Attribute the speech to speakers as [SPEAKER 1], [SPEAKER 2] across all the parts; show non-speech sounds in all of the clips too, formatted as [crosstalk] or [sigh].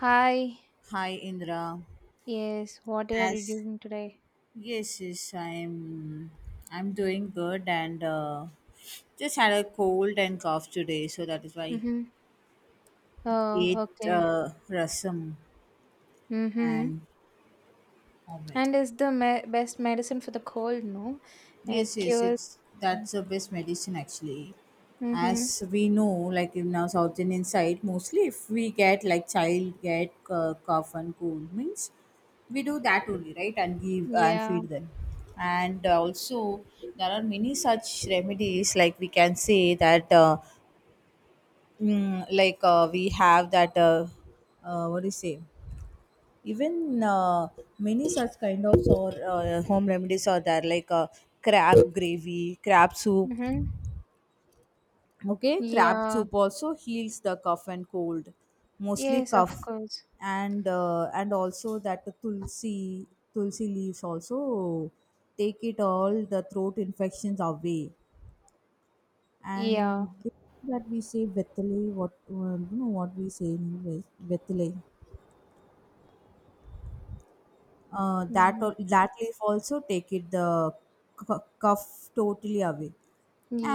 [SPEAKER 1] Hi.
[SPEAKER 2] Hi Indra.
[SPEAKER 1] Yes, what are you
[SPEAKER 2] As
[SPEAKER 1] doing today?
[SPEAKER 2] Yes, yes, I'm I'm doing good and just had a cold and cough today, so that is why I
[SPEAKER 1] Mm-hmm. Oh,
[SPEAKER 2] ate
[SPEAKER 1] okay.
[SPEAKER 2] rasam
[SPEAKER 1] Mm-hmm.
[SPEAKER 2] and omelette.
[SPEAKER 1] And it's the best medicine for the cold, no?
[SPEAKER 2] Yes,
[SPEAKER 1] It
[SPEAKER 2] yes,
[SPEAKER 1] cures.
[SPEAKER 2] it's that's the best medicine actually.
[SPEAKER 1] Mm-hmm.
[SPEAKER 2] As we know, like in our South Indian side, mostly if we get like child get cough and cold means we do that only, right? And give and
[SPEAKER 1] Yeah.
[SPEAKER 2] feed them. And also there are many such remedies. Like we can say that, like we have that. What do you say? Even many such kind of or home remedies are there like crab gravy, crab soup.
[SPEAKER 1] Mm-hmm.
[SPEAKER 2] Okay, crab
[SPEAKER 1] Yeah.
[SPEAKER 2] soup also heals the cough and cold, mostly
[SPEAKER 1] Yes, of
[SPEAKER 2] cough.
[SPEAKER 1] course.
[SPEAKER 2] And also that tulsi, leaves also take it all the throat infections away. And
[SPEAKER 1] Yeah.
[SPEAKER 2] that we say vetale, what you know what we say in English, vetale. That
[SPEAKER 1] Mm-hmm.
[SPEAKER 2] that leaf also take it the cuff totally away.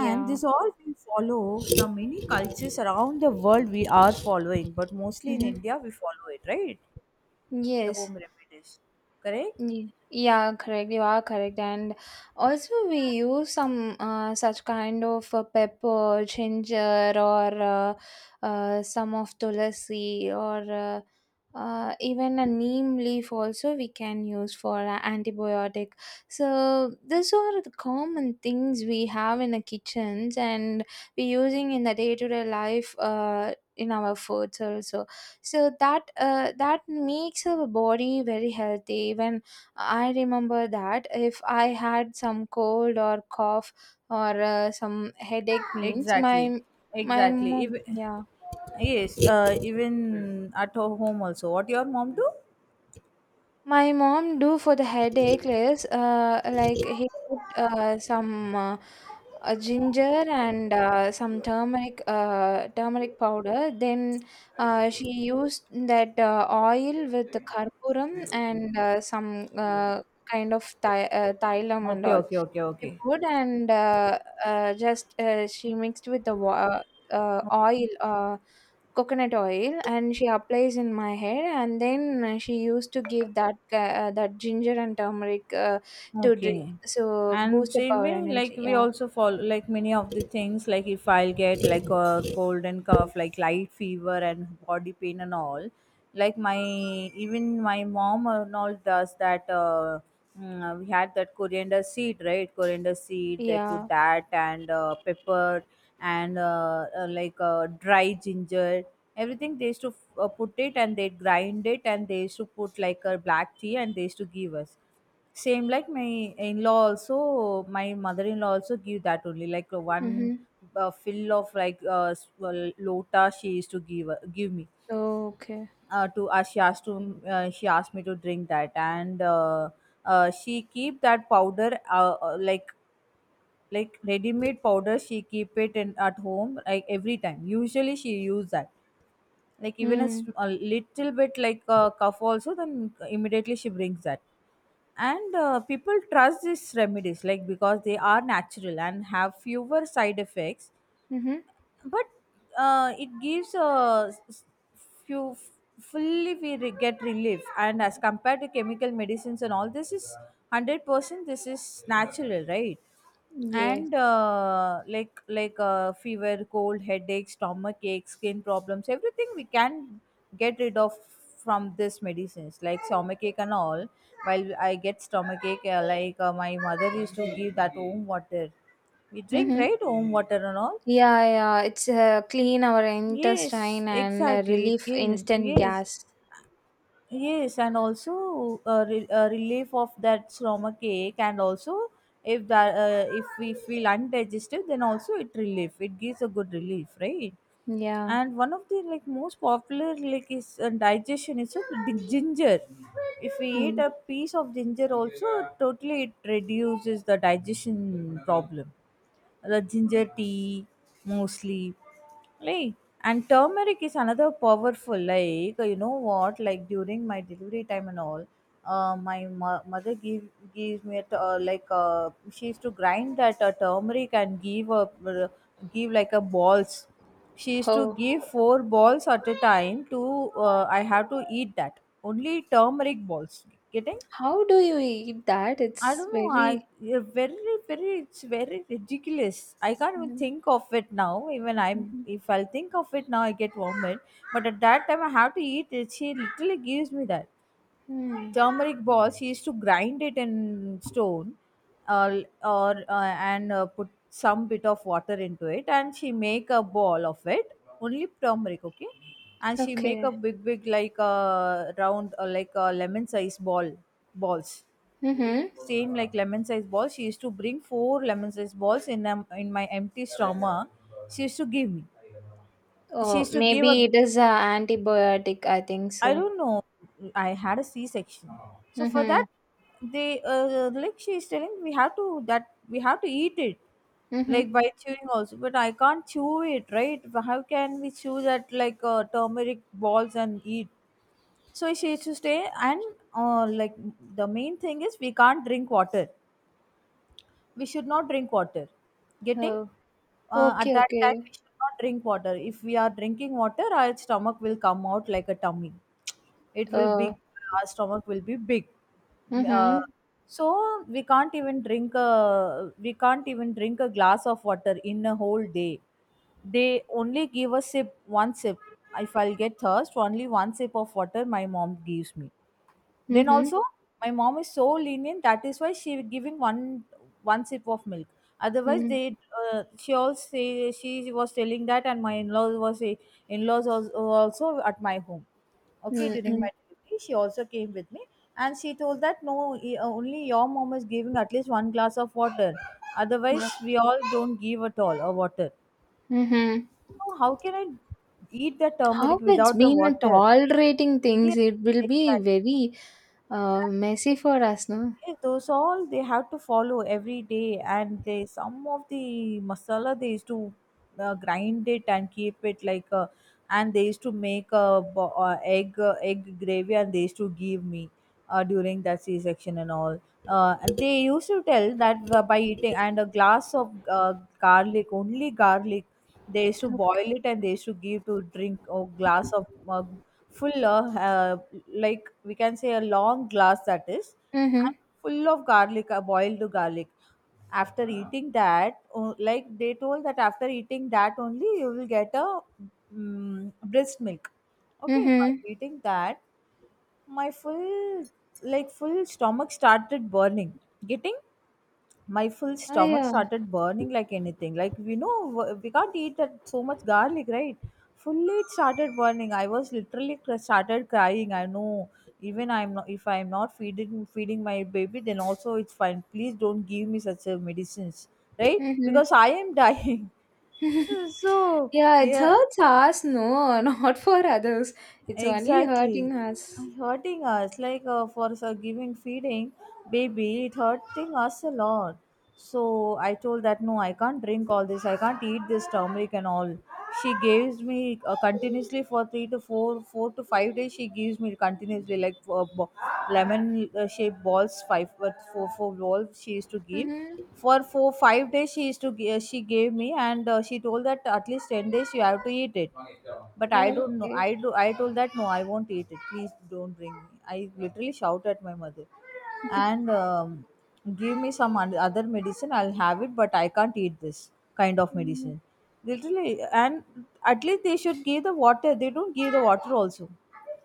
[SPEAKER 2] And this all we follow from many cultures around the world we are following, but mostly in
[SPEAKER 1] Mm-hmm.
[SPEAKER 2] India we follow it, right? The
[SPEAKER 1] Yes.
[SPEAKER 2] home remedies, correct?
[SPEAKER 1] Yeah, correct. You are correct. And also, we use some such kind of pepper, ginger, or some of tulsi, or even a neem leaf also we can use for a antibiotic. So these are the common things we have in the kitchens, and we using in the day to day life. In our foods also, so that that makes our body very healthy. When I remember that if I had some cold or cough or some headache means,
[SPEAKER 2] Exactly,
[SPEAKER 1] my
[SPEAKER 2] exactly.
[SPEAKER 1] mom, yeah,
[SPEAKER 2] Even at home also. What your mom do?
[SPEAKER 1] my mom do for the headache is like he put some ginger and some turmeric turmeric powder, then she used that oil with the karpuram and some kind of thailam and
[SPEAKER 2] Okay,
[SPEAKER 1] all.
[SPEAKER 2] okay, okay,
[SPEAKER 1] She
[SPEAKER 2] okay.
[SPEAKER 1] put and just she mixed with the oil, coconut oil, and she applies in my hair. And then she used to give that that ginger and turmeric to drink,
[SPEAKER 2] Okay.
[SPEAKER 1] so
[SPEAKER 2] And
[SPEAKER 1] boost up
[SPEAKER 2] same
[SPEAKER 1] our
[SPEAKER 2] way, like
[SPEAKER 1] energy.
[SPEAKER 2] we
[SPEAKER 1] Yeah,
[SPEAKER 2] also follow like many of the things, like if I'll get like a cold and cough, like light fever and body pain and all, like my even my mom and all does that. We had that coriander seed, right? Coriander seed, they put
[SPEAKER 1] yeah.
[SPEAKER 2] that and pepper and like dry ginger. Everything they used to put it and they grind it and they used to put like a black tea and they used to give us, same like my in-law also, my mother-in-law also give that only, like one
[SPEAKER 1] Mm-hmm.
[SPEAKER 2] fill of like well, lota she used to give, give me
[SPEAKER 1] Okay.
[SPEAKER 2] to she asked to she asked me to drink that. And she keep that powder, like ready-made powder she keep it in at home, like every time usually she use that, like even a,
[SPEAKER 1] Mm.
[SPEAKER 2] a little bit like a cough also, then immediately she brings that. And people trust these remedies like because they are natural and have fewer side effects,
[SPEAKER 1] Mm-hmm.
[SPEAKER 2] but it gives a few f- fully we get relief, and as compared to chemical medicines and all, this is 100% this is natural, right?
[SPEAKER 1] Yes.
[SPEAKER 2] And fever, cold, headache, stomach ache, skin problems, everything we can get rid of from this medicines. Like stomach ache and all, while I get stomach ache, my mother used to give that home water. We drink,
[SPEAKER 1] Mm-hmm.
[SPEAKER 2] right, home water and all.
[SPEAKER 1] Yeah, yeah. It's clean our
[SPEAKER 2] Yes,
[SPEAKER 1] intestine and
[SPEAKER 2] exactly. It
[SPEAKER 1] relief
[SPEAKER 2] is.
[SPEAKER 1] instant
[SPEAKER 2] Yes,
[SPEAKER 1] gas.
[SPEAKER 2] yes, and also a, a relief of that stomach ache. And also if that if we feel undigested, then also it relief. It gives a good relief, right?
[SPEAKER 1] Yeah.
[SPEAKER 2] And one of the like most popular like is digestion is a ginger. If we eat
[SPEAKER 1] Mm.
[SPEAKER 2] a piece of ginger, also totally it reduces the digestion problem. The ginger tea mostly, like, and turmeric is another powerful. Like, you know what? Like during my delivery time and all, my mother gives me a like she used to grind that turmeric and give a uh, give like a balls. She used to
[SPEAKER 1] Oh.
[SPEAKER 2] give four balls at a time to, I have to eat that only turmeric balls. Getting?
[SPEAKER 1] How do you eat that?
[SPEAKER 2] I
[SPEAKER 1] It's
[SPEAKER 2] don't know. I
[SPEAKER 1] very.
[SPEAKER 2] you're very, very. It's very ridiculous. I can't even
[SPEAKER 1] Mhm,
[SPEAKER 2] think of it now. Even I'm.
[SPEAKER 1] mhm.
[SPEAKER 2] If I'll think of it now, I get vomit. But at that time, I have to eat it. She literally gives me that
[SPEAKER 1] Hmm.
[SPEAKER 2] turmeric balls. He used to grind it in stone or and put some bit of water into it and she make a ball of it, only turmeric, okay. And she make
[SPEAKER 1] Okay.
[SPEAKER 2] a big big, like a round like a lemon size ball, balls,
[SPEAKER 1] Mm-hmm.
[SPEAKER 2] same like lemon size balls. She used to bring 4 lemon size balls in my empty stomach she used to give me. She
[SPEAKER 1] Oh,
[SPEAKER 2] used to give
[SPEAKER 1] maybe
[SPEAKER 2] a
[SPEAKER 1] it is a antibiotic, I think
[SPEAKER 2] I
[SPEAKER 1] so.
[SPEAKER 2] don't know. I had a C section, so for that,
[SPEAKER 1] Mm-hmm.
[SPEAKER 2] they like she is telling we have to, that we have to eat it,
[SPEAKER 1] Mm-hmm.
[SPEAKER 2] like by chewing also. But I can't chew it, right? How can we chew that, like turmeric balls and eat? So she used to stay and uh, like the main thing is we can't drink water, we should not drink water. Getting?
[SPEAKER 1] Oh,
[SPEAKER 2] At
[SPEAKER 1] okay,
[SPEAKER 2] that time
[SPEAKER 1] okay.
[SPEAKER 2] we should not drink water. If we are drinking water, our stomach will come out like a tummy. It will
[SPEAKER 1] Uh,
[SPEAKER 2] be, our stomach will be big. uh,
[SPEAKER 1] mm-hmm.
[SPEAKER 2] so we can't even drink a, we can't even drink a glass of water in a whole day. They only give a sip, one sip. If I'll get thirst, only one sip of water my mom gives me. Then
[SPEAKER 1] Mm-hmm.
[SPEAKER 2] also, my mom is so lenient. That is why she giving one, one sip of milk. Otherwise, they she also say, she was telling that, and my in laws was say, in laws also at my home. Okay, during
[SPEAKER 1] Mm-hmm.
[SPEAKER 2] my delivery, she also came with me, and she told that no, only your mom is giving at least one glass of water. Otherwise, we all don't give at all a water.
[SPEAKER 1] Mm-hmm.
[SPEAKER 2] So how can I eat the turmeric
[SPEAKER 1] How it's
[SPEAKER 2] without the
[SPEAKER 1] been a
[SPEAKER 2] water?
[SPEAKER 1] tolerating things,
[SPEAKER 2] Yes,
[SPEAKER 1] it will be
[SPEAKER 2] exactly.
[SPEAKER 1] very messy for us, no?
[SPEAKER 2] Yes, those all they have to follow every day, and they some of the masala they used to grind it and keep it, like, and they used to make a egg, egg gravy, and they used to give me during that C section and all. And they used to tell that by eating and a glass of garlic, only garlic, they used to
[SPEAKER 1] Okay.
[SPEAKER 2] boil it and they used to give to drink a glass of full of like we can say a long glass, that is, and
[SPEAKER 1] Mm-hmm.
[SPEAKER 2] full of garlic, boiled garlic. After eating that like they told that after eating that only you will get a, mm, breast milk. Okay, by
[SPEAKER 1] Mm-hmm.
[SPEAKER 2] eating that my full, like full stomach started burning. Getting? My full
[SPEAKER 1] Oh,
[SPEAKER 2] stomach
[SPEAKER 1] yeah.
[SPEAKER 2] started burning like anything. Like we know, we can't eat that so much garlic, right? Fully it started burning. I was literally started crying. I know, even I'm not if I'm not feeding my baby, then also it's fine. Please don't give me such a medicines, right,
[SPEAKER 1] Mm-hmm.
[SPEAKER 2] because I am dying.
[SPEAKER 1] [laughs]
[SPEAKER 2] [laughs] So
[SPEAKER 1] Yeah, it
[SPEAKER 2] yeah.
[SPEAKER 1] hurts us, no, [laughs] not for others. It's only hurting
[SPEAKER 2] Exactly.
[SPEAKER 1] us.
[SPEAKER 2] Hurting us, like for giving feeding baby, it hurting us a lot. So I told that no, I can't drink all this. I can't eat this turmeric and all. She gives me continuously for three to four, 4 to 5 days. She gives me continuously, like lemon shaped balls, 5, but four, balls she used to
[SPEAKER 1] Mm-hmm.
[SPEAKER 2] give for 4, 5 days. She used to she gave me and she told that at least 10 days you have to eat it, but I don't know.
[SPEAKER 1] Okay.
[SPEAKER 2] I do. I told that no, I won't eat it. Please don't bring me. I literally shout at my mother, and
[SPEAKER 1] [laughs]
[SPEAKER 2] give me some other medicine. I'll have it, but I can't eat this kind of
[SPEAKER 1] Mm.
[SPEAKER 2] medicine. Literally, and at least they should give the water. They don't give the water also.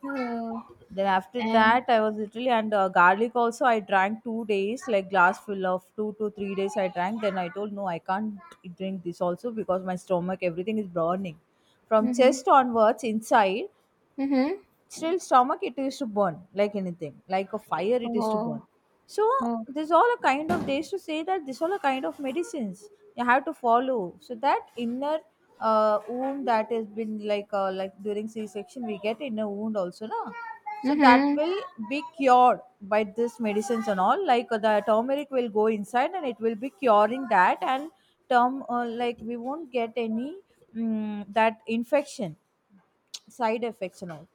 [SPEAKER 1] Oh,
[SPEAKER 2] Then after that,
[SPEAKER 1] and
[SPEAKER 2] I was literally and garlic also. I drank 2 days, like glass full of 2 to 3 days. I drank. Then I told no, I can't drink this also because my stomach everything is burning. From
[SPEAKER 1] mm-hmm.
[SPEAKER 2] chest onwards, inside
[SPEAKER 1] Mm-hmm.
[SPEAKER 2] still stomach it is to burn like anything, like a fire it is to burn.
[SPEAKER 1] Oh,
[SPEAKER 2] So
[SPEAKER 1] oh.
[SPEAKER 2] there's all a kind of, they used to say that this all a kind of medicines you have to follow, so that inner wound that has been, like during c-section we get inner wound also, no? So that
[SPEAKER 1] Mm-hmm.
[SPEAKER 2] will be cured by this medicines and all, like the turmeric will go inside and it will be curing that. And term like we won't get any, that infection, side effects and all.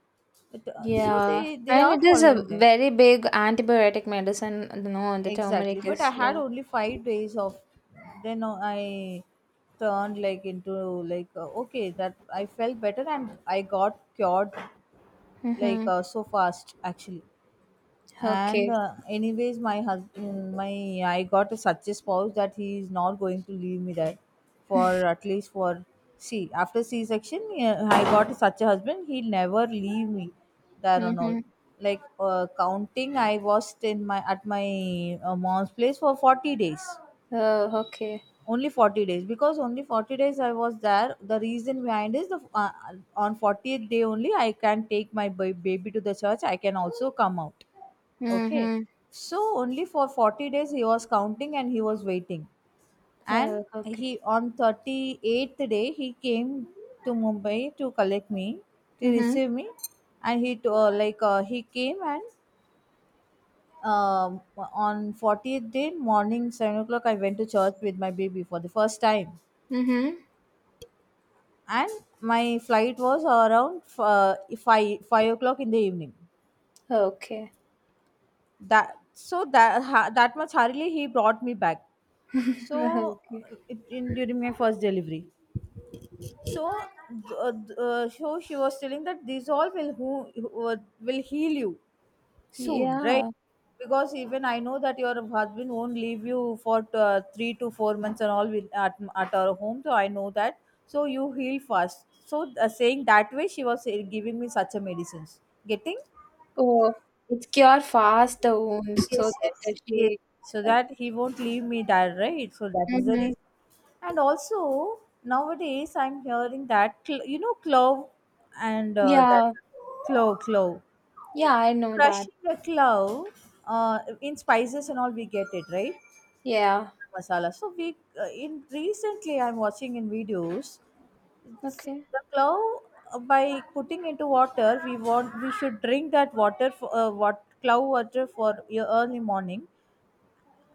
[SPEAKER 2] But, so
[SPEAKER 1] Yeah.
[SPEAKER 2] they
[SPEAKER 1] And
[SPEAKER 2] are
[SPEAKER 1] it is a
[SPEAKER 2] following that
[SPEAKER 1] very big antibiotic medicine. No, the
[SPEAKER 2] exactly.
[SPEAKER 1] turmeric
[SPEAKER 2] But I
[SPEAKER 1] is,
[SPEAKER 2] had
[SPEAKER 1] yeah.
[SPEAKER 2] only 5 days of. Then I turned like into like, okay that I felt better and I got cured
[SPEAKER 1] Mm-hmm.
[SPEAKER 2] so fast, actually. And
[SPEAKER 1] Okay.
[SPEAKER 2] anyways, my husband my I got a such a spouse that he is not going to leave me there for at least for, see, after c section. Yeah, I got such a husband, he'll never leave me there and all.
[SPEAKER 1] Mm-hmm.
[SPEAKER 2] Counting, I was in my, at my mom's place for 40 days.
[SPEAKER 1] Oh, okay.
[SPEAKER 2] Only 40 days, because only 40 days I was there. The reason behind is the, on 40th day only I can take my baby to the church. I can also come out. Okay.
[SPEAKER 1] Mm-hmm.
[SPEAKER 2] So only for 40 days he was counting and he was waiting, and
[SPEAKER 1] Oh, okay.
[SPEAKER 2] he on 38th day he came to Mumbai to collect me, to
[SPEAKER 1] Mm-hmm.
[SPEAKER 2] receive me. And he to, like he came. And um on 40th day morning 7 o'clock I went to church with my baby for the first time.
[SPEAKER 1] Mm-hmm.
[SPEAKER 2] And my flight was around 5 5 o'clock in the evening.
[SPEAKER 1] Okay.
[SPEAKER 2] That, so that, that much hurriedly he brought me back.
[SPEAKER 1] [laughs]
[SPEAKER 2] So
[SPEAKER 1] Okay.
[SPEAKER 2] during my first delivery. So, uh, so she was telling that, these all will, who will heal you soon, right?
[SPEAKER 1] Yeah.
[SPEAKER 2] Because even I know that your husband won't leave you for 3 to 4 months and all with, at our home. So I know that. So you heal fast. So saying that way, she was giving me such a medicines. Getting?
[SPEAKER 1] Oh, it's cure fast the wounds so
[SPEAKER 2] Yes,
[SPEAKER 1] that
[SPEAKER 2] yes.
[SPEAKER 1] the
[SPEAKER 2] Yes.
[SPEAKER 1] she.
[SPEAKER 2] So that he won't leave me that, right? So that is the
[SPEAKER 1] Mm-hmm.
[SPEAKER 2] reason. And also, nowadays, I'm hearing that, clove, and that
[SPEAKER 1] Yeah,
[SPEAKER 2] clove.
[SPEAKER 1] yeah, I know that.
[SPEAKER 2] Crushing the clove in spices and all we get it, right?
[SPEAKER 1] Yeah.
[SPEAKER 2] Masala, so we, in recently I'm watching in videos. See,
[SPEAKER 1] Okay.
[SPEAKER 2] the clove, by putting into water, we should drink that water for, what, clove water for your early morning.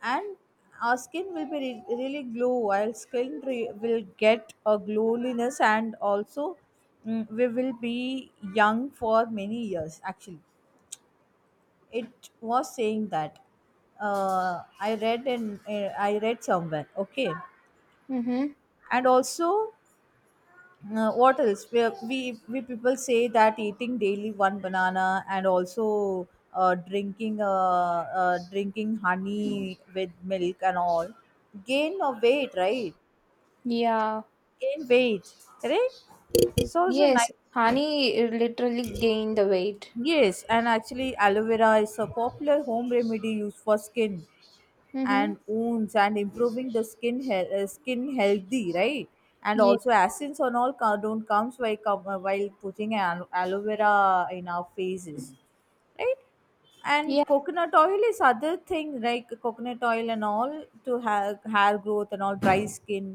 [SPEAKER 2] And our skin will be really glow, while skin will get a glowiness, and also we will be young for many years, actually. It was saying that. I read somewhere. Okay.
[SPEAKER 1] Mm-hmm.
[SPEAKER 2] And also, what else? We people say that eating daily one banana, and also uh, drinking uh, drinking honey with milk and all, gain of weight, right?
[SPEAKER 1] Yeah.
[SPEAKER 2] Gain weight, right? It's also nice.
[SPEAKER 1] Yes, honey literally gained the weight.
[SPEAKER 2] Yes. And actually, aloe vera is a popular home remedy used for skin
[SPEAKER 1] Mm-hmm.
[SPEAKER 2] and wounds, and improving the skin skin healthy, right? And
[SPEAKER 1] Yeah.
[SPEAKER 2] also, acids on all don't comes while while putting an aloe vera in our faces, right? And
[SPEAKER 1] Yeah.
[SPEAKER 2] coconut oil is other thing, like coconut oil and all, to have hair growth and all, dry skin,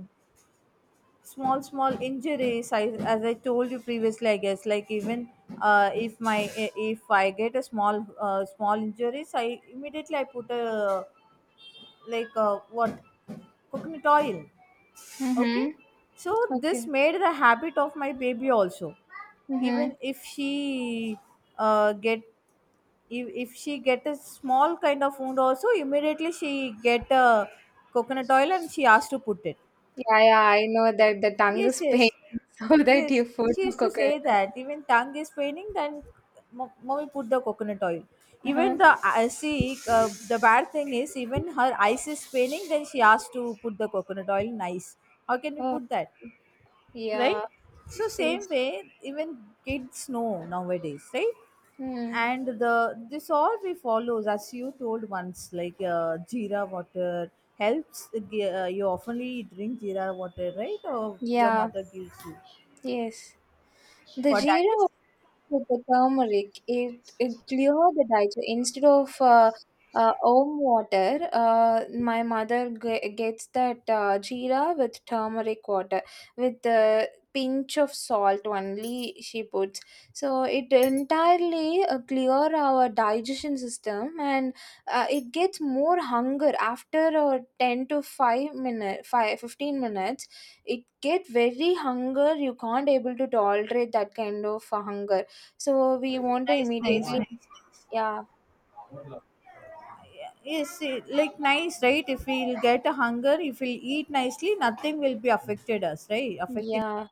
[SPEAKER 2] small small injuries. As I told you previously, I guess, like, even, if my if I get a small injuries, I immediately I put a, like a, what, coconut oil. Okay.
[SPEAKER 1] Mm-hmm.
[SPEAKER 2] So this
[SPEAKER 1] Okay.
[SPEAKER 2] made the habit of my baby also.
[SPEAKER 1] Mm-hmm.
[SPEAKER 2] Even if she get, if she get a small kind of wound also, immediately she get a coconut oil, and she asked to put it.
[SPEAKER 1] Yeah, yeah, I know that the tongue
[SPEAKER 2] Yes,
[SPEAKER 1] is pain
[SPEAKER 2] yes,
[SPEAKER 1] [laughs] so that
[SPEAKER 2] yes.
[SPEAKER 1] you food
[SPEAKER 2] She
[SPEAKER 1] the
[SPEAKER 2] used to
[SPEAKER 1] coconut
[SPEAKER 2] say that,
[SPEAKER 1] oil.
[SPEAKER 2] even tongue is paining, then mommy put the coconut oil. Even
[SPEAKER 1] Uh-huh.
[SPEAKER 2] the, see, the bad thing is, even her eyes is paining, then she asked to put the coconut oil. Nice. How can we
[SPEAKER 1] Oh,
[SPEAKER 2] put that, right?
[SPEAKER 1] yeah.
[SPEAKER 2] So same
[SPEAKER 1] Yes.
[SPEAKER 2] way, even kids know nowadays, right?
[SPEAKER 1] Mm.
[SPEAKER 2] And the this all we follows, as you told once, like jeera water helps. You oftenly drink jeera water, right? Or your
[SPEAKER 1] Yeah.
[SPEAKER 2] mother gives you
[SPEAKER 1] Yes. The
[SPEAKER 2] for that, is,
[SPEAKER 1] jeera with the turmeric, it clear the digestion. Instead of om water, my mother gets that jeera with turmeric water, with the pinch of salt only she puts. So it entirely clear our digestion system, and it gets more hunger after 10 to 5 minute, 5, 15 minutes. It get very hunger. You can't able to tolerate that kind of hunger, so we want to
[SPEAKER 2] nice, nice,
[SPEAKER 1] immediately,
[SPEAKER 2] nice.
[SPEAKER 1] yeah,
[SPEAKER 2] Yes, like nice, right? If we'll get a hunger, if we'll eat nicely, nothing will be affected us, right? Affecting.
[SPEAKER 1] yeah.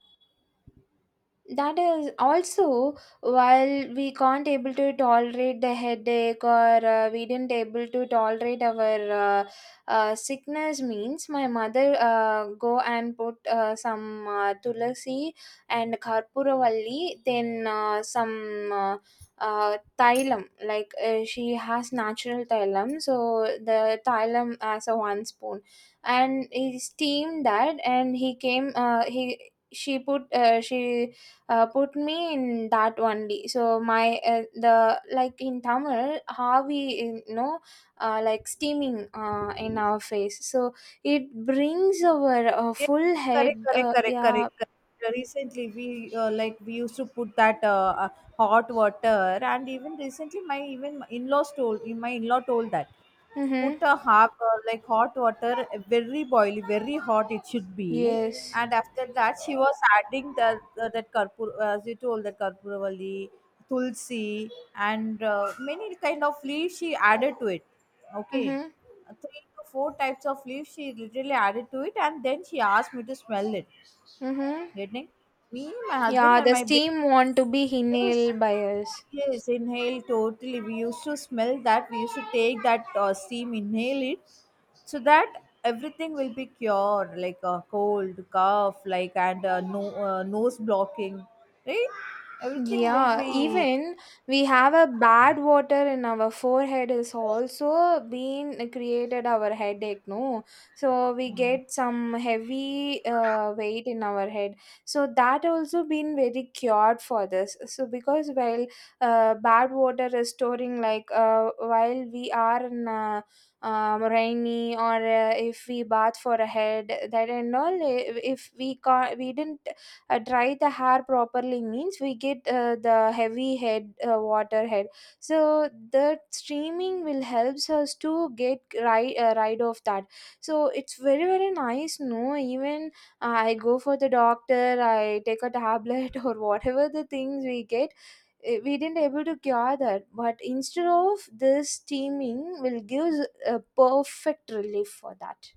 [SPEAKER 1] That is also while we can't able to tolerate the headache, or we didn't able to tolerate our sickness means my mother go and put some tulasi and karpuravalli, then some thailam, like she has natural thailam. So the thailam as a one spoon, and he steamed that, and he came he she put me in that only, so my the, like in Tamil how we, like steaming in our face, so it brings our
[SPEAKER 2] Yes,
[SPEAKER 1] full
[SPEAKER 2] correct,
[SPEAKER 1] head
[SPEAKER 2] correct, correct,
[SPEAKER 1] yeah.
[SPEAKER 2] correct, correct. Recently, we, we used to put that hot water, and even recently, my even in-laws told, my in-law told that,
[SPEAKER 1] Mm-hmm.
[SPEAKER 2] put a half, like hot water, very boily, very hot it should be.
[SPEAKER 1] Yes.
[SPEAKER 2] And after that she was adding the, that karpur, as you told, that karpuravali, tulsi, and many kind of leaves she added to it. Okay.
[SPEAKER 1] Mm-hmm.
[SPEAKER 2] Three to four types of leaves she literally added to it, and then she asked me to smell it.
[SPEAKER 1] Mm-hmm.
[SPEAKER 2] Getting? Me, my husband,
[SPEAKER 1] Yeah,
[SPEAKER 2] and
[SPEAKER 1] the
[SPEAKER 2] my baby.
[SPEAKER 1] steam want to be
[SPEAKER 2] Yes,
[SPEAKER 1] inhaled by us.
[SPEAKER 2] yes, inhale totally, we used to smell that, we used to take that steam, inhale it, so that everything will be cured, like a cold, cough, like, and no nose blocking, right? Everything will
[SPEAKER 1] Yeah,
[SPEAKER 2] be.
[SPEAKER 1] even we have a bad water in our forehead is also been created our headache, no? So we get some heavy weight in our head. So that also been very cured for this. So because while bad water is storing, like while we are in rainy, or if we bath for a head that and all, eh, if we didn't dry the hair properly means we get the heavy head water head. So the streaming will helps us to get right off that. So it's very very nice, no, even I go for the doctor, I take a tablet [laughs] or whatever the things we get, eh, we didn't able to cure that. But instead of this, steaming will give a perfect relief for that.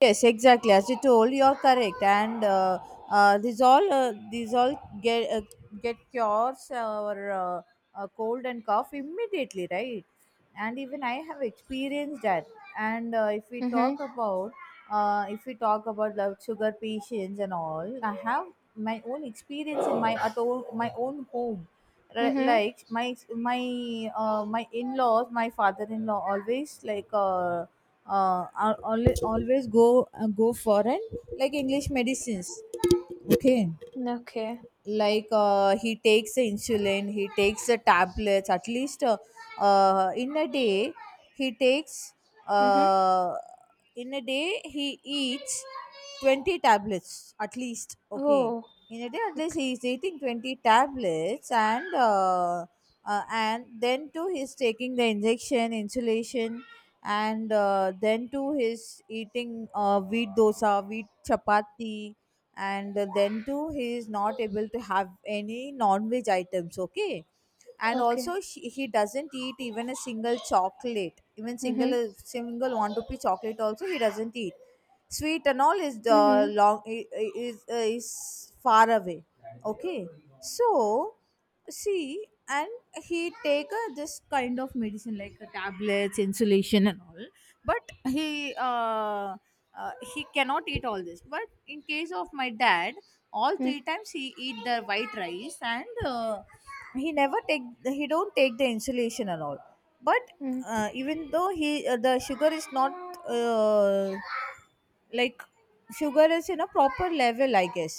[SPEAKER 2] Yes, exactly. As you told, you're correct. And these all, these all get, get cures, or cold and cough immediately, right? And even I have experienced that. And
[SPEAKER 1] Mm-hmm.
[SPEAKER 2] if we talk about the sugar patients and all, I have my own experience, in my at own, my own home.
[SPEAKER 1] Mm-hmm.
[SPEAKER 2] Like my in laws, my father in law always, like. Always go, go for an, like, english medicines. Okay.
[SPEAKER 1] Okay.
[SPEAKER 2] Like he takes the insulin, he takes the tablets at least, in a day he takes,
[SPEAKER 1] Mm-hmm.
[SPEAKER 2] uh, in a day he eats 20 tablets at least.
[SPEAKER 1] Oh,
[SPEAKER 2] Okay. In a day at least
[SPEAKER 1] okay.
[SPEAKER 2] he is eating 20 tablets. And and then too he's taking the injection insulation. And then too he's eating wheat dosa, wheat chapati. And then too he is not able to have any non-veg items. Okay. And
[SPEAKER 1] Okay.
[SPEAKER 2] also, he doesn't eat even a single chocolate, even single
[SPEAKER 1] Mhm.
[SPEAKER 2] single one rupee chocolate also he doesn't eat. Sweet and all is the
[SPEAKER 1] Mhm.
[SPEAKER 2] long, is far away. Okay. So, see, and he take this kind of medicine, like a tablets, insulation and all. But he cannot eat all this. But in case of my dad, all three
[SPEAKER 1] Mhm.
[SPEAKER 2] times he eat the white rice, and he never take, he don't take the insulation and all. But,
[SPEAKER 1] Mhm.
[SPEAKER 2] even though he, the sugar is not, uh, like, sugar is in a proper level, I guess.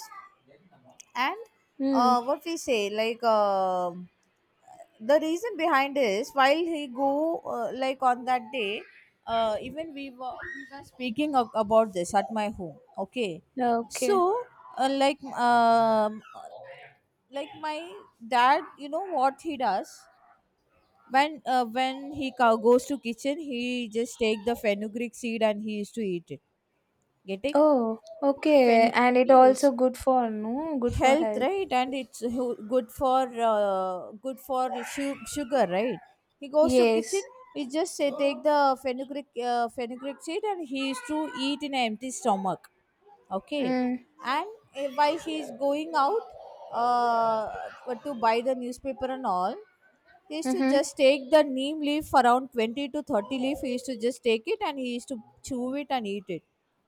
[SPEAKER 2] And,
[SPEAKER 1] Mm.
[SPEAKER 2] what we say, like, the reason behind is, while he go, like on that day, even we were, speaking about this at my home. Okay.
[SPEAKER 1] Okay.
[SPEAKER 2] So, uh, like um, like my dad, you know what he does? When, he goes to kitchen, he just take the fenugreek seed and he used to eat it. Getting?
[SPEAKER 1] Oh, okay.
[SPEAKER 2] Fen
[SPEAKER 1] And it
[SPEAKER 2] Yes,
[SPEAKER 1] also good for, no, good for
[SPEAKER 2] health,
[SPEAKER 1] health.
[SPEAKER 2] right? And it's good for, good for sugar, right? He goes to kitchen,
[SPEAKER 1] Yes.
[SPEAKER 2] he just say take the fenugreek seed, and he is to eat in an empty stomach. Okay.
[SPEAKER 1] Mm.
[SPEAKER 2] And, while he is going out, to buy the newspaper and all, he used to
[SPEAKER 1] Mhm.
[SPEAKER 2] just take the neem leaf around 20 to 30 leaf, he used to just take it and he used to chew it and eat it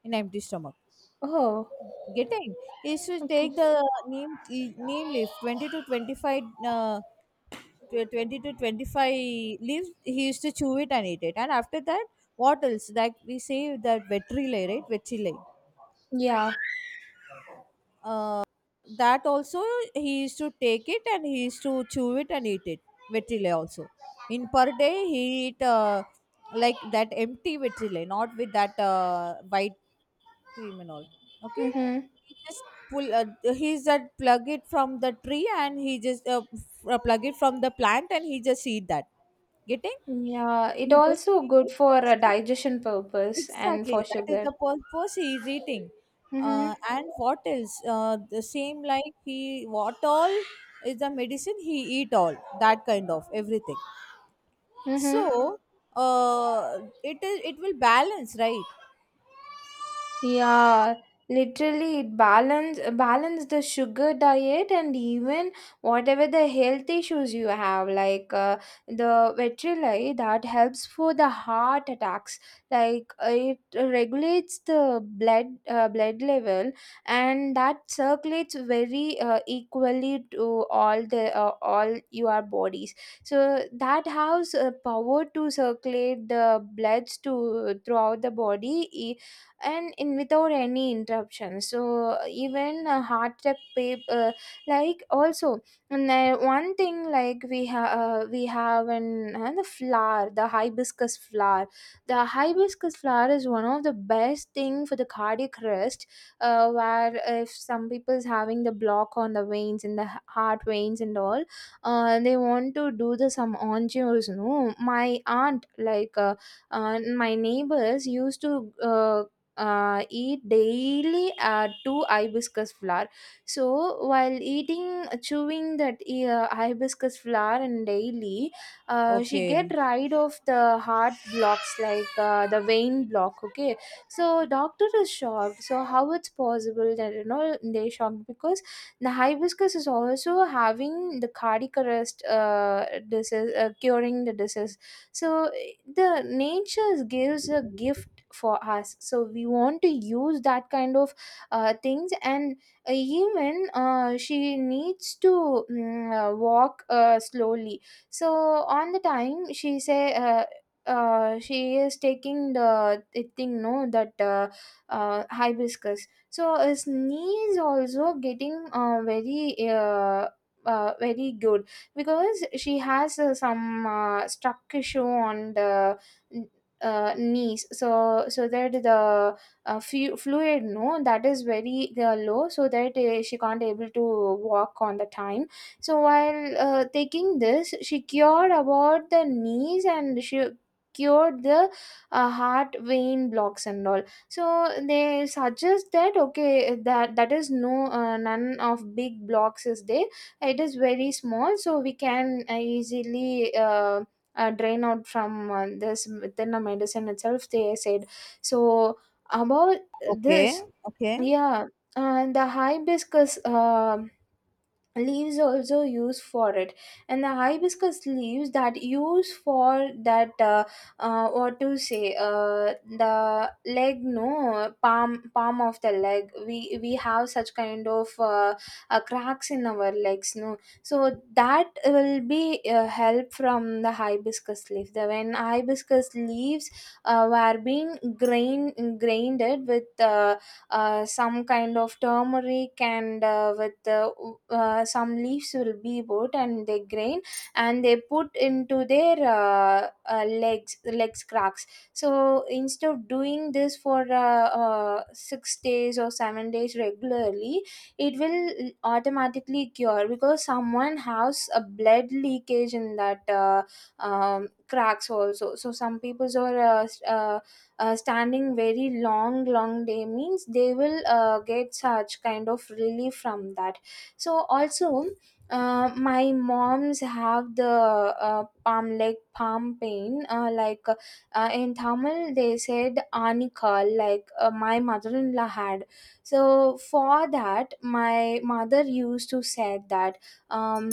[SPEAKER 2] in empty stomach.
[SPEAKER 1] Oh,
[SPEAKER 2] Getting, is to
[SPEAKER 1] okay.
[SPEAKER 2] take the neem, neem leaf 20 to 25, 20 to 25 leaves he used to chew it and eat it. And after that, what else, like, we say that vetri, right? Vetri,
[SPEAKER 1] Yeah.
[SPEAKER 2] that also he used to take it and he used to chew it and eat it. Vetrile also, in per day he eat, like, that empty vetrile, not with that white cream and all. Okay.
[SPEAKER 1] Mhm.
[SPEAKER 2] He just pull he's that plug it from the tree, and he just plug it from the plant, and he just eat that. Getting?
[SPEAKER 1] Yeah, it
[SPEAKER 2] He just
[SPEAKER 1] also
[SPEAKER 2] clean
[SPEAKER 1] good
[SPEAKER 2] it,
[SPEAKER 1] for a
[SPEAKER 2] taste it.
[SPEAKER 1] digestion purpose and for
[SPEAKER 2] Exactly, that is
[SPEAKER 1] sugar.
[SPEAKER 2] the purpose he is eating.
[SPEAKER 1] Mhm.
[SPEAKER 2] And what else? The same, like, he, what all is the medicine he eat, all that kind of everything.
[SPEAKER 1] Mhm.
[SPEAKER 2] So, it will balance, right?
[SPEAKER 1] Yeah, literally it balance the sugar diet. And even whatever the health issues you have, like the Vetrolite, that helps for the heart attacks. Like it regulates the blood level, and that circulates very equally to all your bodies. So that has a power to circulate the bloods to throughout the body and in without any interruption. So even a heart attack like also. And then one thing, like we have an the flower, the hibiscus flower. The hibiscus flower is one of the best thing for the cardiac rest, where if some people's having the block on the veins in the heart veins and all, they want to do the some angios, no. My aunt, like my neighbors used to eat daily two hibiscus flower. So while eating, chewing that hibiscus flower, and daily, she get
[SPEAKER 2] Okay,
[SPEAKER 1] rid of the heart blocks, like the vein block. Okay, so doctor is shocked. So how it's possible? That they shocked, because the hibiscus is also having the cardiac arrest disease, curing the disease. So the nature gives a gift for us, so we want to use that kind of things. And even she needs to walk slowly, so on the time she say she is taking the thing, no, that hibiscus. So his knee is also getting very very good, because she has some stuck issue on the knees. So that the fluid, no, that is very low. So that she can't able to walk on the time. So while taking this, she cured about the knees, and she cured the heart vein blocks and all. So they suggest that okay, that is no none of big blocks is there. It is very small, so we can easily drain out from this within a medicine itself, they said. So about
[SPEAKER 2] okay,
[SPEAKER 1] this,
[SPEAKER 2] okay.
[SPEAKER 1] yeah. And the hibiscus, um, leaves also used for it. And the hibiscus leaves that use for that, what to say, the leg, no, palm of the leg, we have such kind of cracks in our legs, no. So that will be help from the hibiscus leaf. The When hibiscus leaves were being grained with. Some kind of turmeric, and with some leaves will be put, and they grain, and they put into their legs cracks. So instead of doing this for 6 days or 7 days regularly, it will automatically cure. Because someone has a blood leakage in that cracks also, so some people's are standing very long long day means, they will get such kind of relief from that. So also my moms have the palm leg palm pain, like in Tamil they said anika, like my mother-in-law had. So for that, my mother used to said that, um,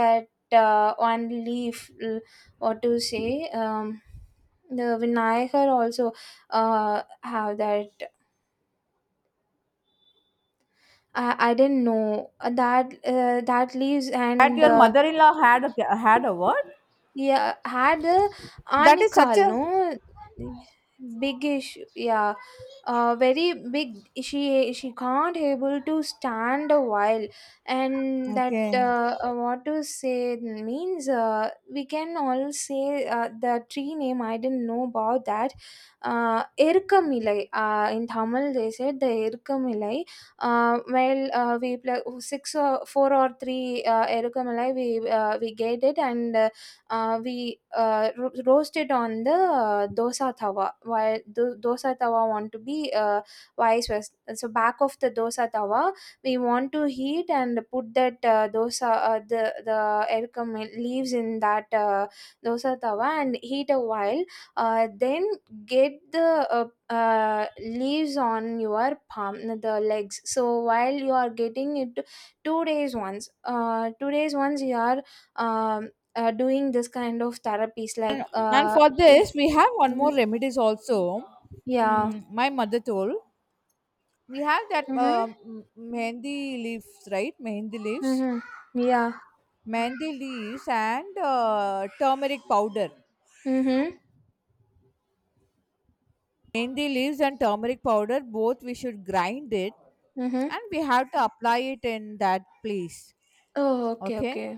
[SPEAKER 1] that one leaf, l-, what to say, the Vinayakar also, how that, I didn't know, that, that leaves,
[SPEAKER 2] That
[SPEAKER 1] and
[SPEAKER 2] your mother-in-law had a word?
[SPEAKER 1] yeah, had a
[SPEAKER 2] That is such
[SPEAKER 1] Anikal,
[SPEAKER 2] a,
[SPEAKER 1] no, big issue. Yeah, very big. She can't able to stand a while. And that,
[SPEAKER 2] okay.
[SPEAKER 1] what to say means. We can all say the tree name. I didn't know about that. Irkamilai. In Tamil they said the Irkamilai. Well, we play six or four or three Irkamilai. We get it. And, we roast it on the dosa tawa. While dosa tawa want to be vice versa. So back of the dosa tawa, we want to heat and put that dosa the erkum leaves in that dosa tawa and heat a while. Then get the leaves on your palm, the legs. So while you are getting it 2 days once, 2 days once you are um, doing this kind of therapies like
[SPEAKER 2] And
[SPEAKER 1] uh
[SPEAKER 2] for this, we have one more
[SPEAKER 1] Mhm.
[SPEAKER 2] remedies also.
[SPEAKER 1] Yeah.
[SPEAKER 2] My mother told. We have that
[SPEAKER 1] Mm-hmm.
[SPEAKER 2] mehendi leaves, right?
[SPEAKER 1] Mm-hmm. Yeah.
[SPEAKER 2] Mehendi leaves, and turmeric powder.
[SPEAKER 1] Mm-hmm.
[SPEAKER 2] Mehendi leaves and turmeric powder, both we should grind it,
[SPEAKER 1] Mm-hmm.
[SPEAKER 2] and we have to apply it in that place.
[SPEAKER 1] Oh, okay,
[SPEAKER 2] Okay.
[SPEAKER 1] okay.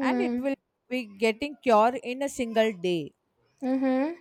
[SPEAKER 2] And it will be getting cure in a single day.
[SPEAKER 1] Mm-hmm.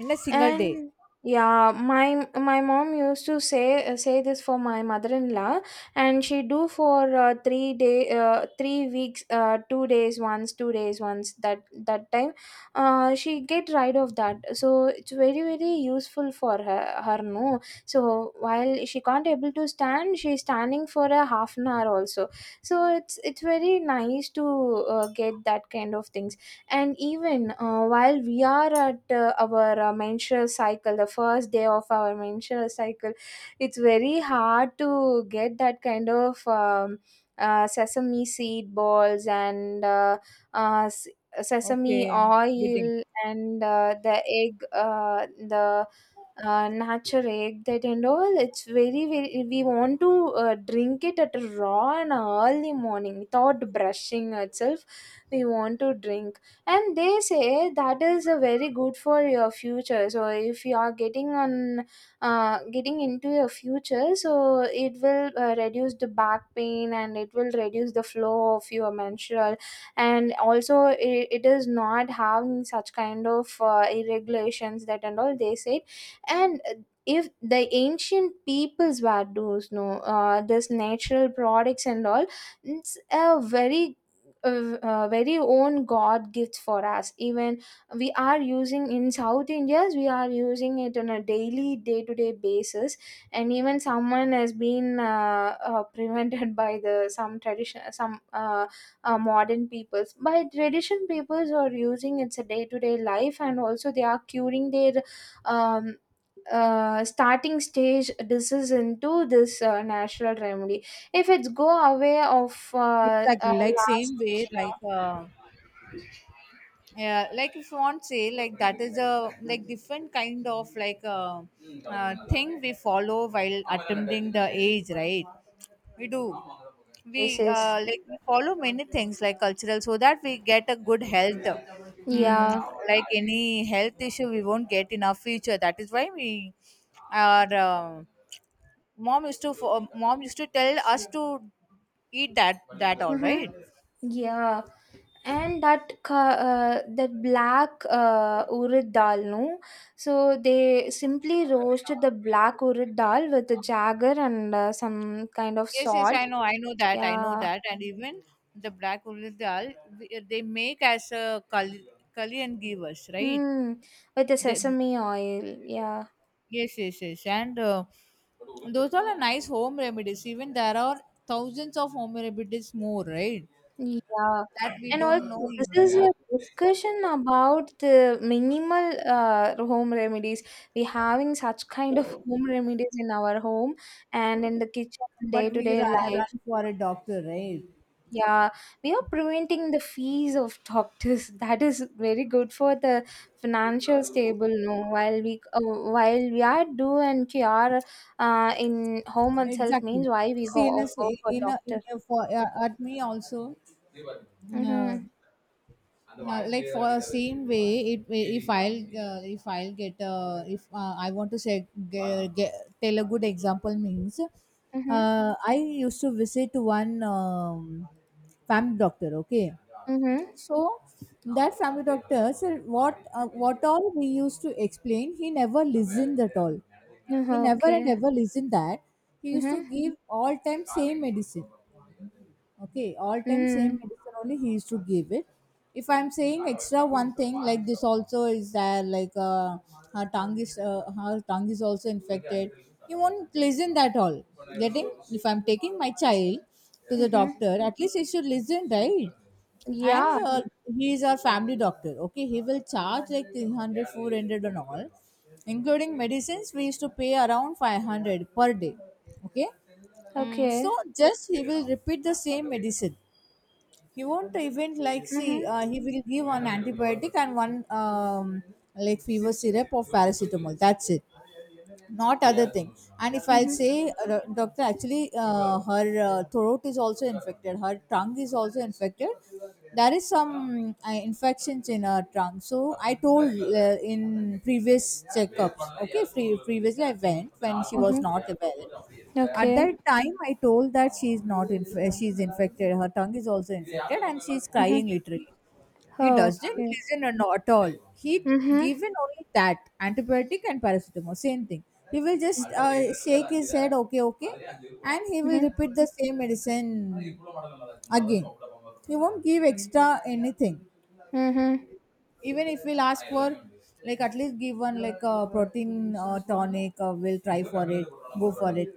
[SPEAKER 2] In a single day.
[SPEAKER 1] And yeah, my mom used to say, say this for my mother-in-law, and she do for 3 day, 3 weeks, 2 days once, 2 days once, that time, she get rid of that. So it's very very useful for her, her no. So while she can't able to stand, she's standing for a half an hour also. So it's very nice to get that kind of things. And even while we are at our menstrual cycle, the first day of our menstrual cycle, it's very hard to get that kind of sesame seed balls and uh, s- sesame
[SPEAKER 2] Okay. Getting,
[SPEAKER 1] oil and the egg, the natural egg, that and all. It's very very, we want to drink it at a raw and early morning without brushing itself, we want to drink. And they say that is a very good for your future. So if you are getting on, getting into your future, so it will reduce the back pain, and it will reduce the flow of your menstrual. And also it is not having such kind of irregulations, that and all, they said. And if the ancient peoples were those no, this natural products and all, it's a very very own god gift for us. Even we are using in south indias, we are using it on a daily day to day basis. And even someone has been prevented [laughs] by the some tradition, some modern peoples by tradition peoples are using, it's a day to day life. And also they are curing their um, starting stage disease into this natural remedy, if it's go away of
[SPEAKER 2] exactly, like
[SPEAKER 1] last
[SPEAKER 2] same way, like.
[SPEAKER 1] Asia
[SPEAKER 2] Yeah, like, if you want to say like, that is a, like, different kind of like thing we follow, while attending the age, right? We do, we,
[SPEAKER 1] places.
[SPEAKER 2] like we follow many things, like cultural, so that we get a good health. mm,
[SPEAKER 1] Yeah.
[SPEAKER 2] like, any health issue we won't get in our future. That is why we, our mom used to tell us to eat that, that all,
[SPEAKER 1] Mm-hmm.
[SPEAKER 2] right?
[SPEAKER 1] Yeah. And that black urad dal no. So they simply roasted the black urad dal with the jagger and some kind of
[SPEAKER 2] Yes, yes,
[SPEAKER 1] salt.
[SPEAKER 2] I know that, I know
[SPEAKER 1] Yeah.
[SPEAKER 2] that. And even the black wool dal they make as a kali, kali and give us, right?
[SPEAKER 1] Mm. With the
[SPEAKER 2] They,
[SPEAKER 1] sesame oil. Yeah.
[SPEAKER 2] yes, yes, yes, and those all are nice home remedies. Even there are thousands of home remedies more, right?
[SPEAKER 1] Yeah,
[SPEAKER 2] That we
[SPEAKER 1] and also
[SPEAKER 2] don't know
[SPEAKER 1] this
[SPEAKER 2] even,
[SPEAKER 1] is a discussion about the minimal home remedies. We having such kind of home remedies in our home and in the kitchen and
[SPEAKER 2] but we
[SPEAKER 1] day-to-day
[SPEAKER 2] run,
[SPEAKER 1] life.
[SPEAKER 2] run for a doctor, right?
[SPEAKER 1] Yeah, we are preventing the fees of doctors. [laughs] That is very good for the financial stable. No, while we are do and cure in home itself
[SPEAKER 2] Exactly.
[SPEAKER 1] means why we
[SPEAKER 2] See, in a,
[SPEAKER 1] go for
[SPEAKER 2] in a, in
[SPEAKER 1] doctor.
[SPEAKER 2] a for, at me also. Uh,
[SPEAKER 1] Mm-hmm.
[SPEAKER 2] Now, like for same way it if I'll if I'll get if I want to say tell a good example means
[SPEAKER 1] Mm-hmm.
[SPEAKER 2] I used to visit one family doctor, okay?
[SPEAKER 1] Mm-hmm.
[SPEAKER 2] So that family doctor, said what all we used to explain he never listened at all,
[SPEAKER 1] Mm-hmm.
[SPEAKER 2] he never and
[SPEAKER 1] Okay.
[SPEAKER 2] ever listened that. He used to
[SPEAKER 1] Mhm.
[SPEAKER 2] give all time same medicine. Okay, all time same
[SPEAKER 1] Mm.
[SPEAKER 2] medicine only he used to give it. If I'm saying extra one thing like this also is there like her tongue is also infected. You won't listen that all. Getting if I'm taking my child to the
[SPEAKER 1] Mhm.
[SPEAKER 2] doctor, at least he should listen, right? And
[SPEAKER 1] Yeah.
[SPEAKER 2] he is our family doctor, okay? He will charge like 300, 400, and all, including medicines we used to pay around 500 per day, okay? Mm, so
[SPEAKER 1] Okay.
[SPEAKER 2] just he will repeat the same medicine. He won't even like see.
[SPEAKER 1] Mhm.
[SPEAKER 2] He will give one antibiotic and one like fever syrup or paracetamol. That's it, not other thing. And if I
[SPEAKER 1] Mhm.
[SPEAKER 2] say doctor, actually her throat is also infected, her tongue is also infected, there is some infections in her tongue. So I told in previous checkups, okay, previously I went when she was
[SPEAKER 1] Mhm.
[SPEAKER 2] not well. At
[SPEAKER 1] Okay.
[SPEAKER 2] that time I told that she is not inf- she is infected, her tongue is also infected, and she is
[SPEAKER 1] Mhm.
[SPEAKER 2] crying literally. he
[SPEAKER 1] Oh,
[SPEAKER 2] doesn't
[SPEAKER 1] okay.
[SPEAKER 2] listen an- at all. He
[SPEAKER 1] Mhm.
[SPEAKER 2] given only that antibiotic and paracetamol, same thing. He will just shake his head, okay, okay, and he will
[SPEAKER 1] Mhm.
[SPEAKER 2] repeat the same medicine again. He won't give extra anything.
[SPEAKER 1] Mhm.
[SPEAKER 2] Even if we'll ask for, like at least give one like a protein tonic, or we'll try for it, go for it.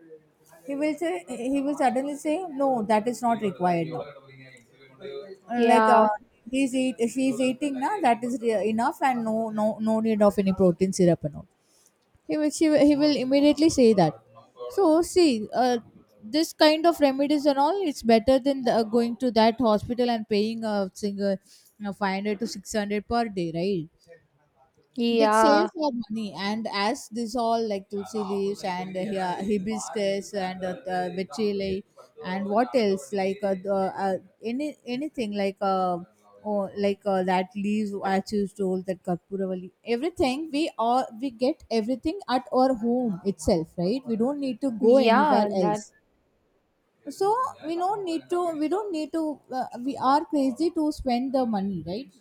[SPEAKER 2] He will say, he will suddenly say no, that is not required now. Uh, like uh,
[SPEAKER 1] Yeah.
[SPEAKER 2] he's eat she's eating now, that is enough, and no no no need of any protein syrup and all. He will immediately say that. So see, this kind of remedies and all, it's better than the going to that hospital and paying a single, you know, 500 to 600 per day, right? That
[SPEAKER 1] Yeah.
[SPEAKER 2] saves our money. And as this all like tulsi leaves and yeah, hibiscus and the vitrilli, and what else, like anything like oh, like that leaves achus roll, that karpuravali, everything, we get everything at our home itself, right? We don't need to go anywhere
[SPEAKER 1] Yeah.
[SPEAKER 2] else.
[SPEAKER 1] That.
[SPEAKER 2] So we don't need to, we don't need to, we are crazy to spend the money, right?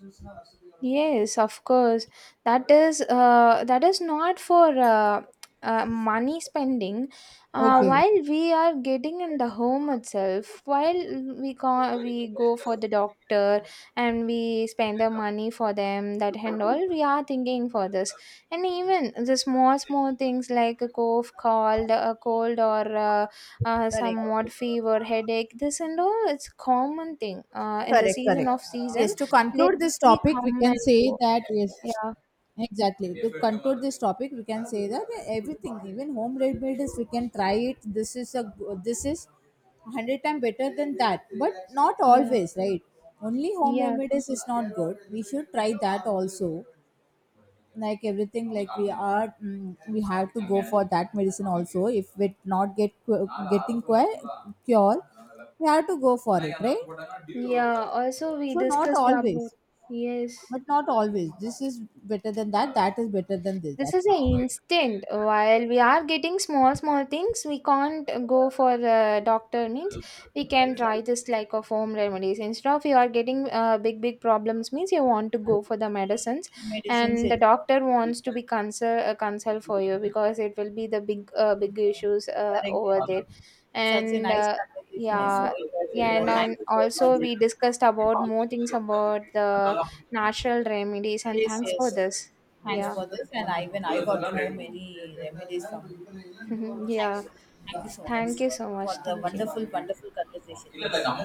[SPEAKER 1] Yes, of course. That is not for money spending.
[SPEAKER 2] Okay,
[SPEAKER 1] While we are getting in the home itself, while we go for the doctor, and we spend the money for them, that and all, we are thinking for this. And even the small small things like a cough, cold, a cold, or
[SPEAKER 2] correct.
[SPEAKER 1] somewhat fever, headache, this and all, it's common thing. In the
[SPEAKER 2] Correct,
[SPEAKER 1] season
[SPEAKER 2] correct.
[SPEAKER 1] of season,
[SPEAKER 2] Yes, to conclude this
[SPEAKER 1] they
[SPEAKER 2] topic, we
[SPEAKER 1] come
[SPEAKER 2] can
[SPEAKER 1] and
[SPEAKER 2] say
[SPEAKER 1] go.
[SPEAKER 2] that, yes,
[SPEAKER 1] Yeah.
[SPEAKER 2] exactly. To conclude this topic, we can say that everything, even home remedies, is, we can try it. This is a, this is 100 times better than that, but not
[SPEAKER 1] Yeah,
[SPEAKER 2] always, right? Only home
[SPEAKER 1] yeah,
[SPEAKER 2] remedies is not good. We should try that also. Like everything, like we are, we have to go for that medicine also. If we not get getting cure, we have to go for it, right?
[SPEAKER 1] yeah. Also, we
[SPEAKER 2] So not
[SPEAKER 1] discussed about
[SPEAKER 2] always
[SPEAKER 1] yes.
[SPEAKER 2] But not always. This is better than that. That is better than this.
[SPEAKER 1] This is
[SPEAKER 2] That's it.
[SPEAKER 1] an instant. While we are getting small, small things, we can't go for the doctor. Means we can try
[SPEAKER 2] Exactly.
[SPEAKER 1] this like of home remedies. Instead of you are getting big, big problems, means you want to go for the medicines,
[SPEAKER 2] Medicines
[SPEAKER 1] and the
[SPEAKER 2] is
[SPEAKER 1] doctor wants to be consult, consult for you, because it will be the big, big issues
[SPEAKER 2] correct.
[SPEAKER 1] over there.
[SPEAKER 2] And such a
[SPEAKER 1] And
[SPEAKER 2] nice conversation is
[SPEAKER 1] yeah,
[SPEAKER 2] going on,
[SPEAKER 1] yeah,
[SPEAKER 2] Indra.
[SPEAKER 1] and,
[SPEAKER 2] Thank
[SPEAKER 1] and
[SPEAKER 2] you so much.
[SPEAKER 1] also we discussed about more things about the natural remedies. And
[SPEAKER 2] Yes,
[SPEAKER 1] thanks for
[SPEAKER 2] yes.
[SPEAKER 1] this.
[SPEAKER 2] Thanks
[SPEAKER 1] Yeah.
[SPEAKER 2] for this. And I, even I got to know many remedies from you.
[SPEAKER 1] [laughs]
[SPEAKER 2] Thank
[SPEAKER 1] yeah.
[SPEAKER 2] you. Thank you so much
[SPEAKER 1] Thank you so
[SPEAKER 2] for
[SPEAKER 1] much.
[SPEAKER 2] the
[SPEAKER 1] Thank you.
[SPEAKER 2] wonderful conversation.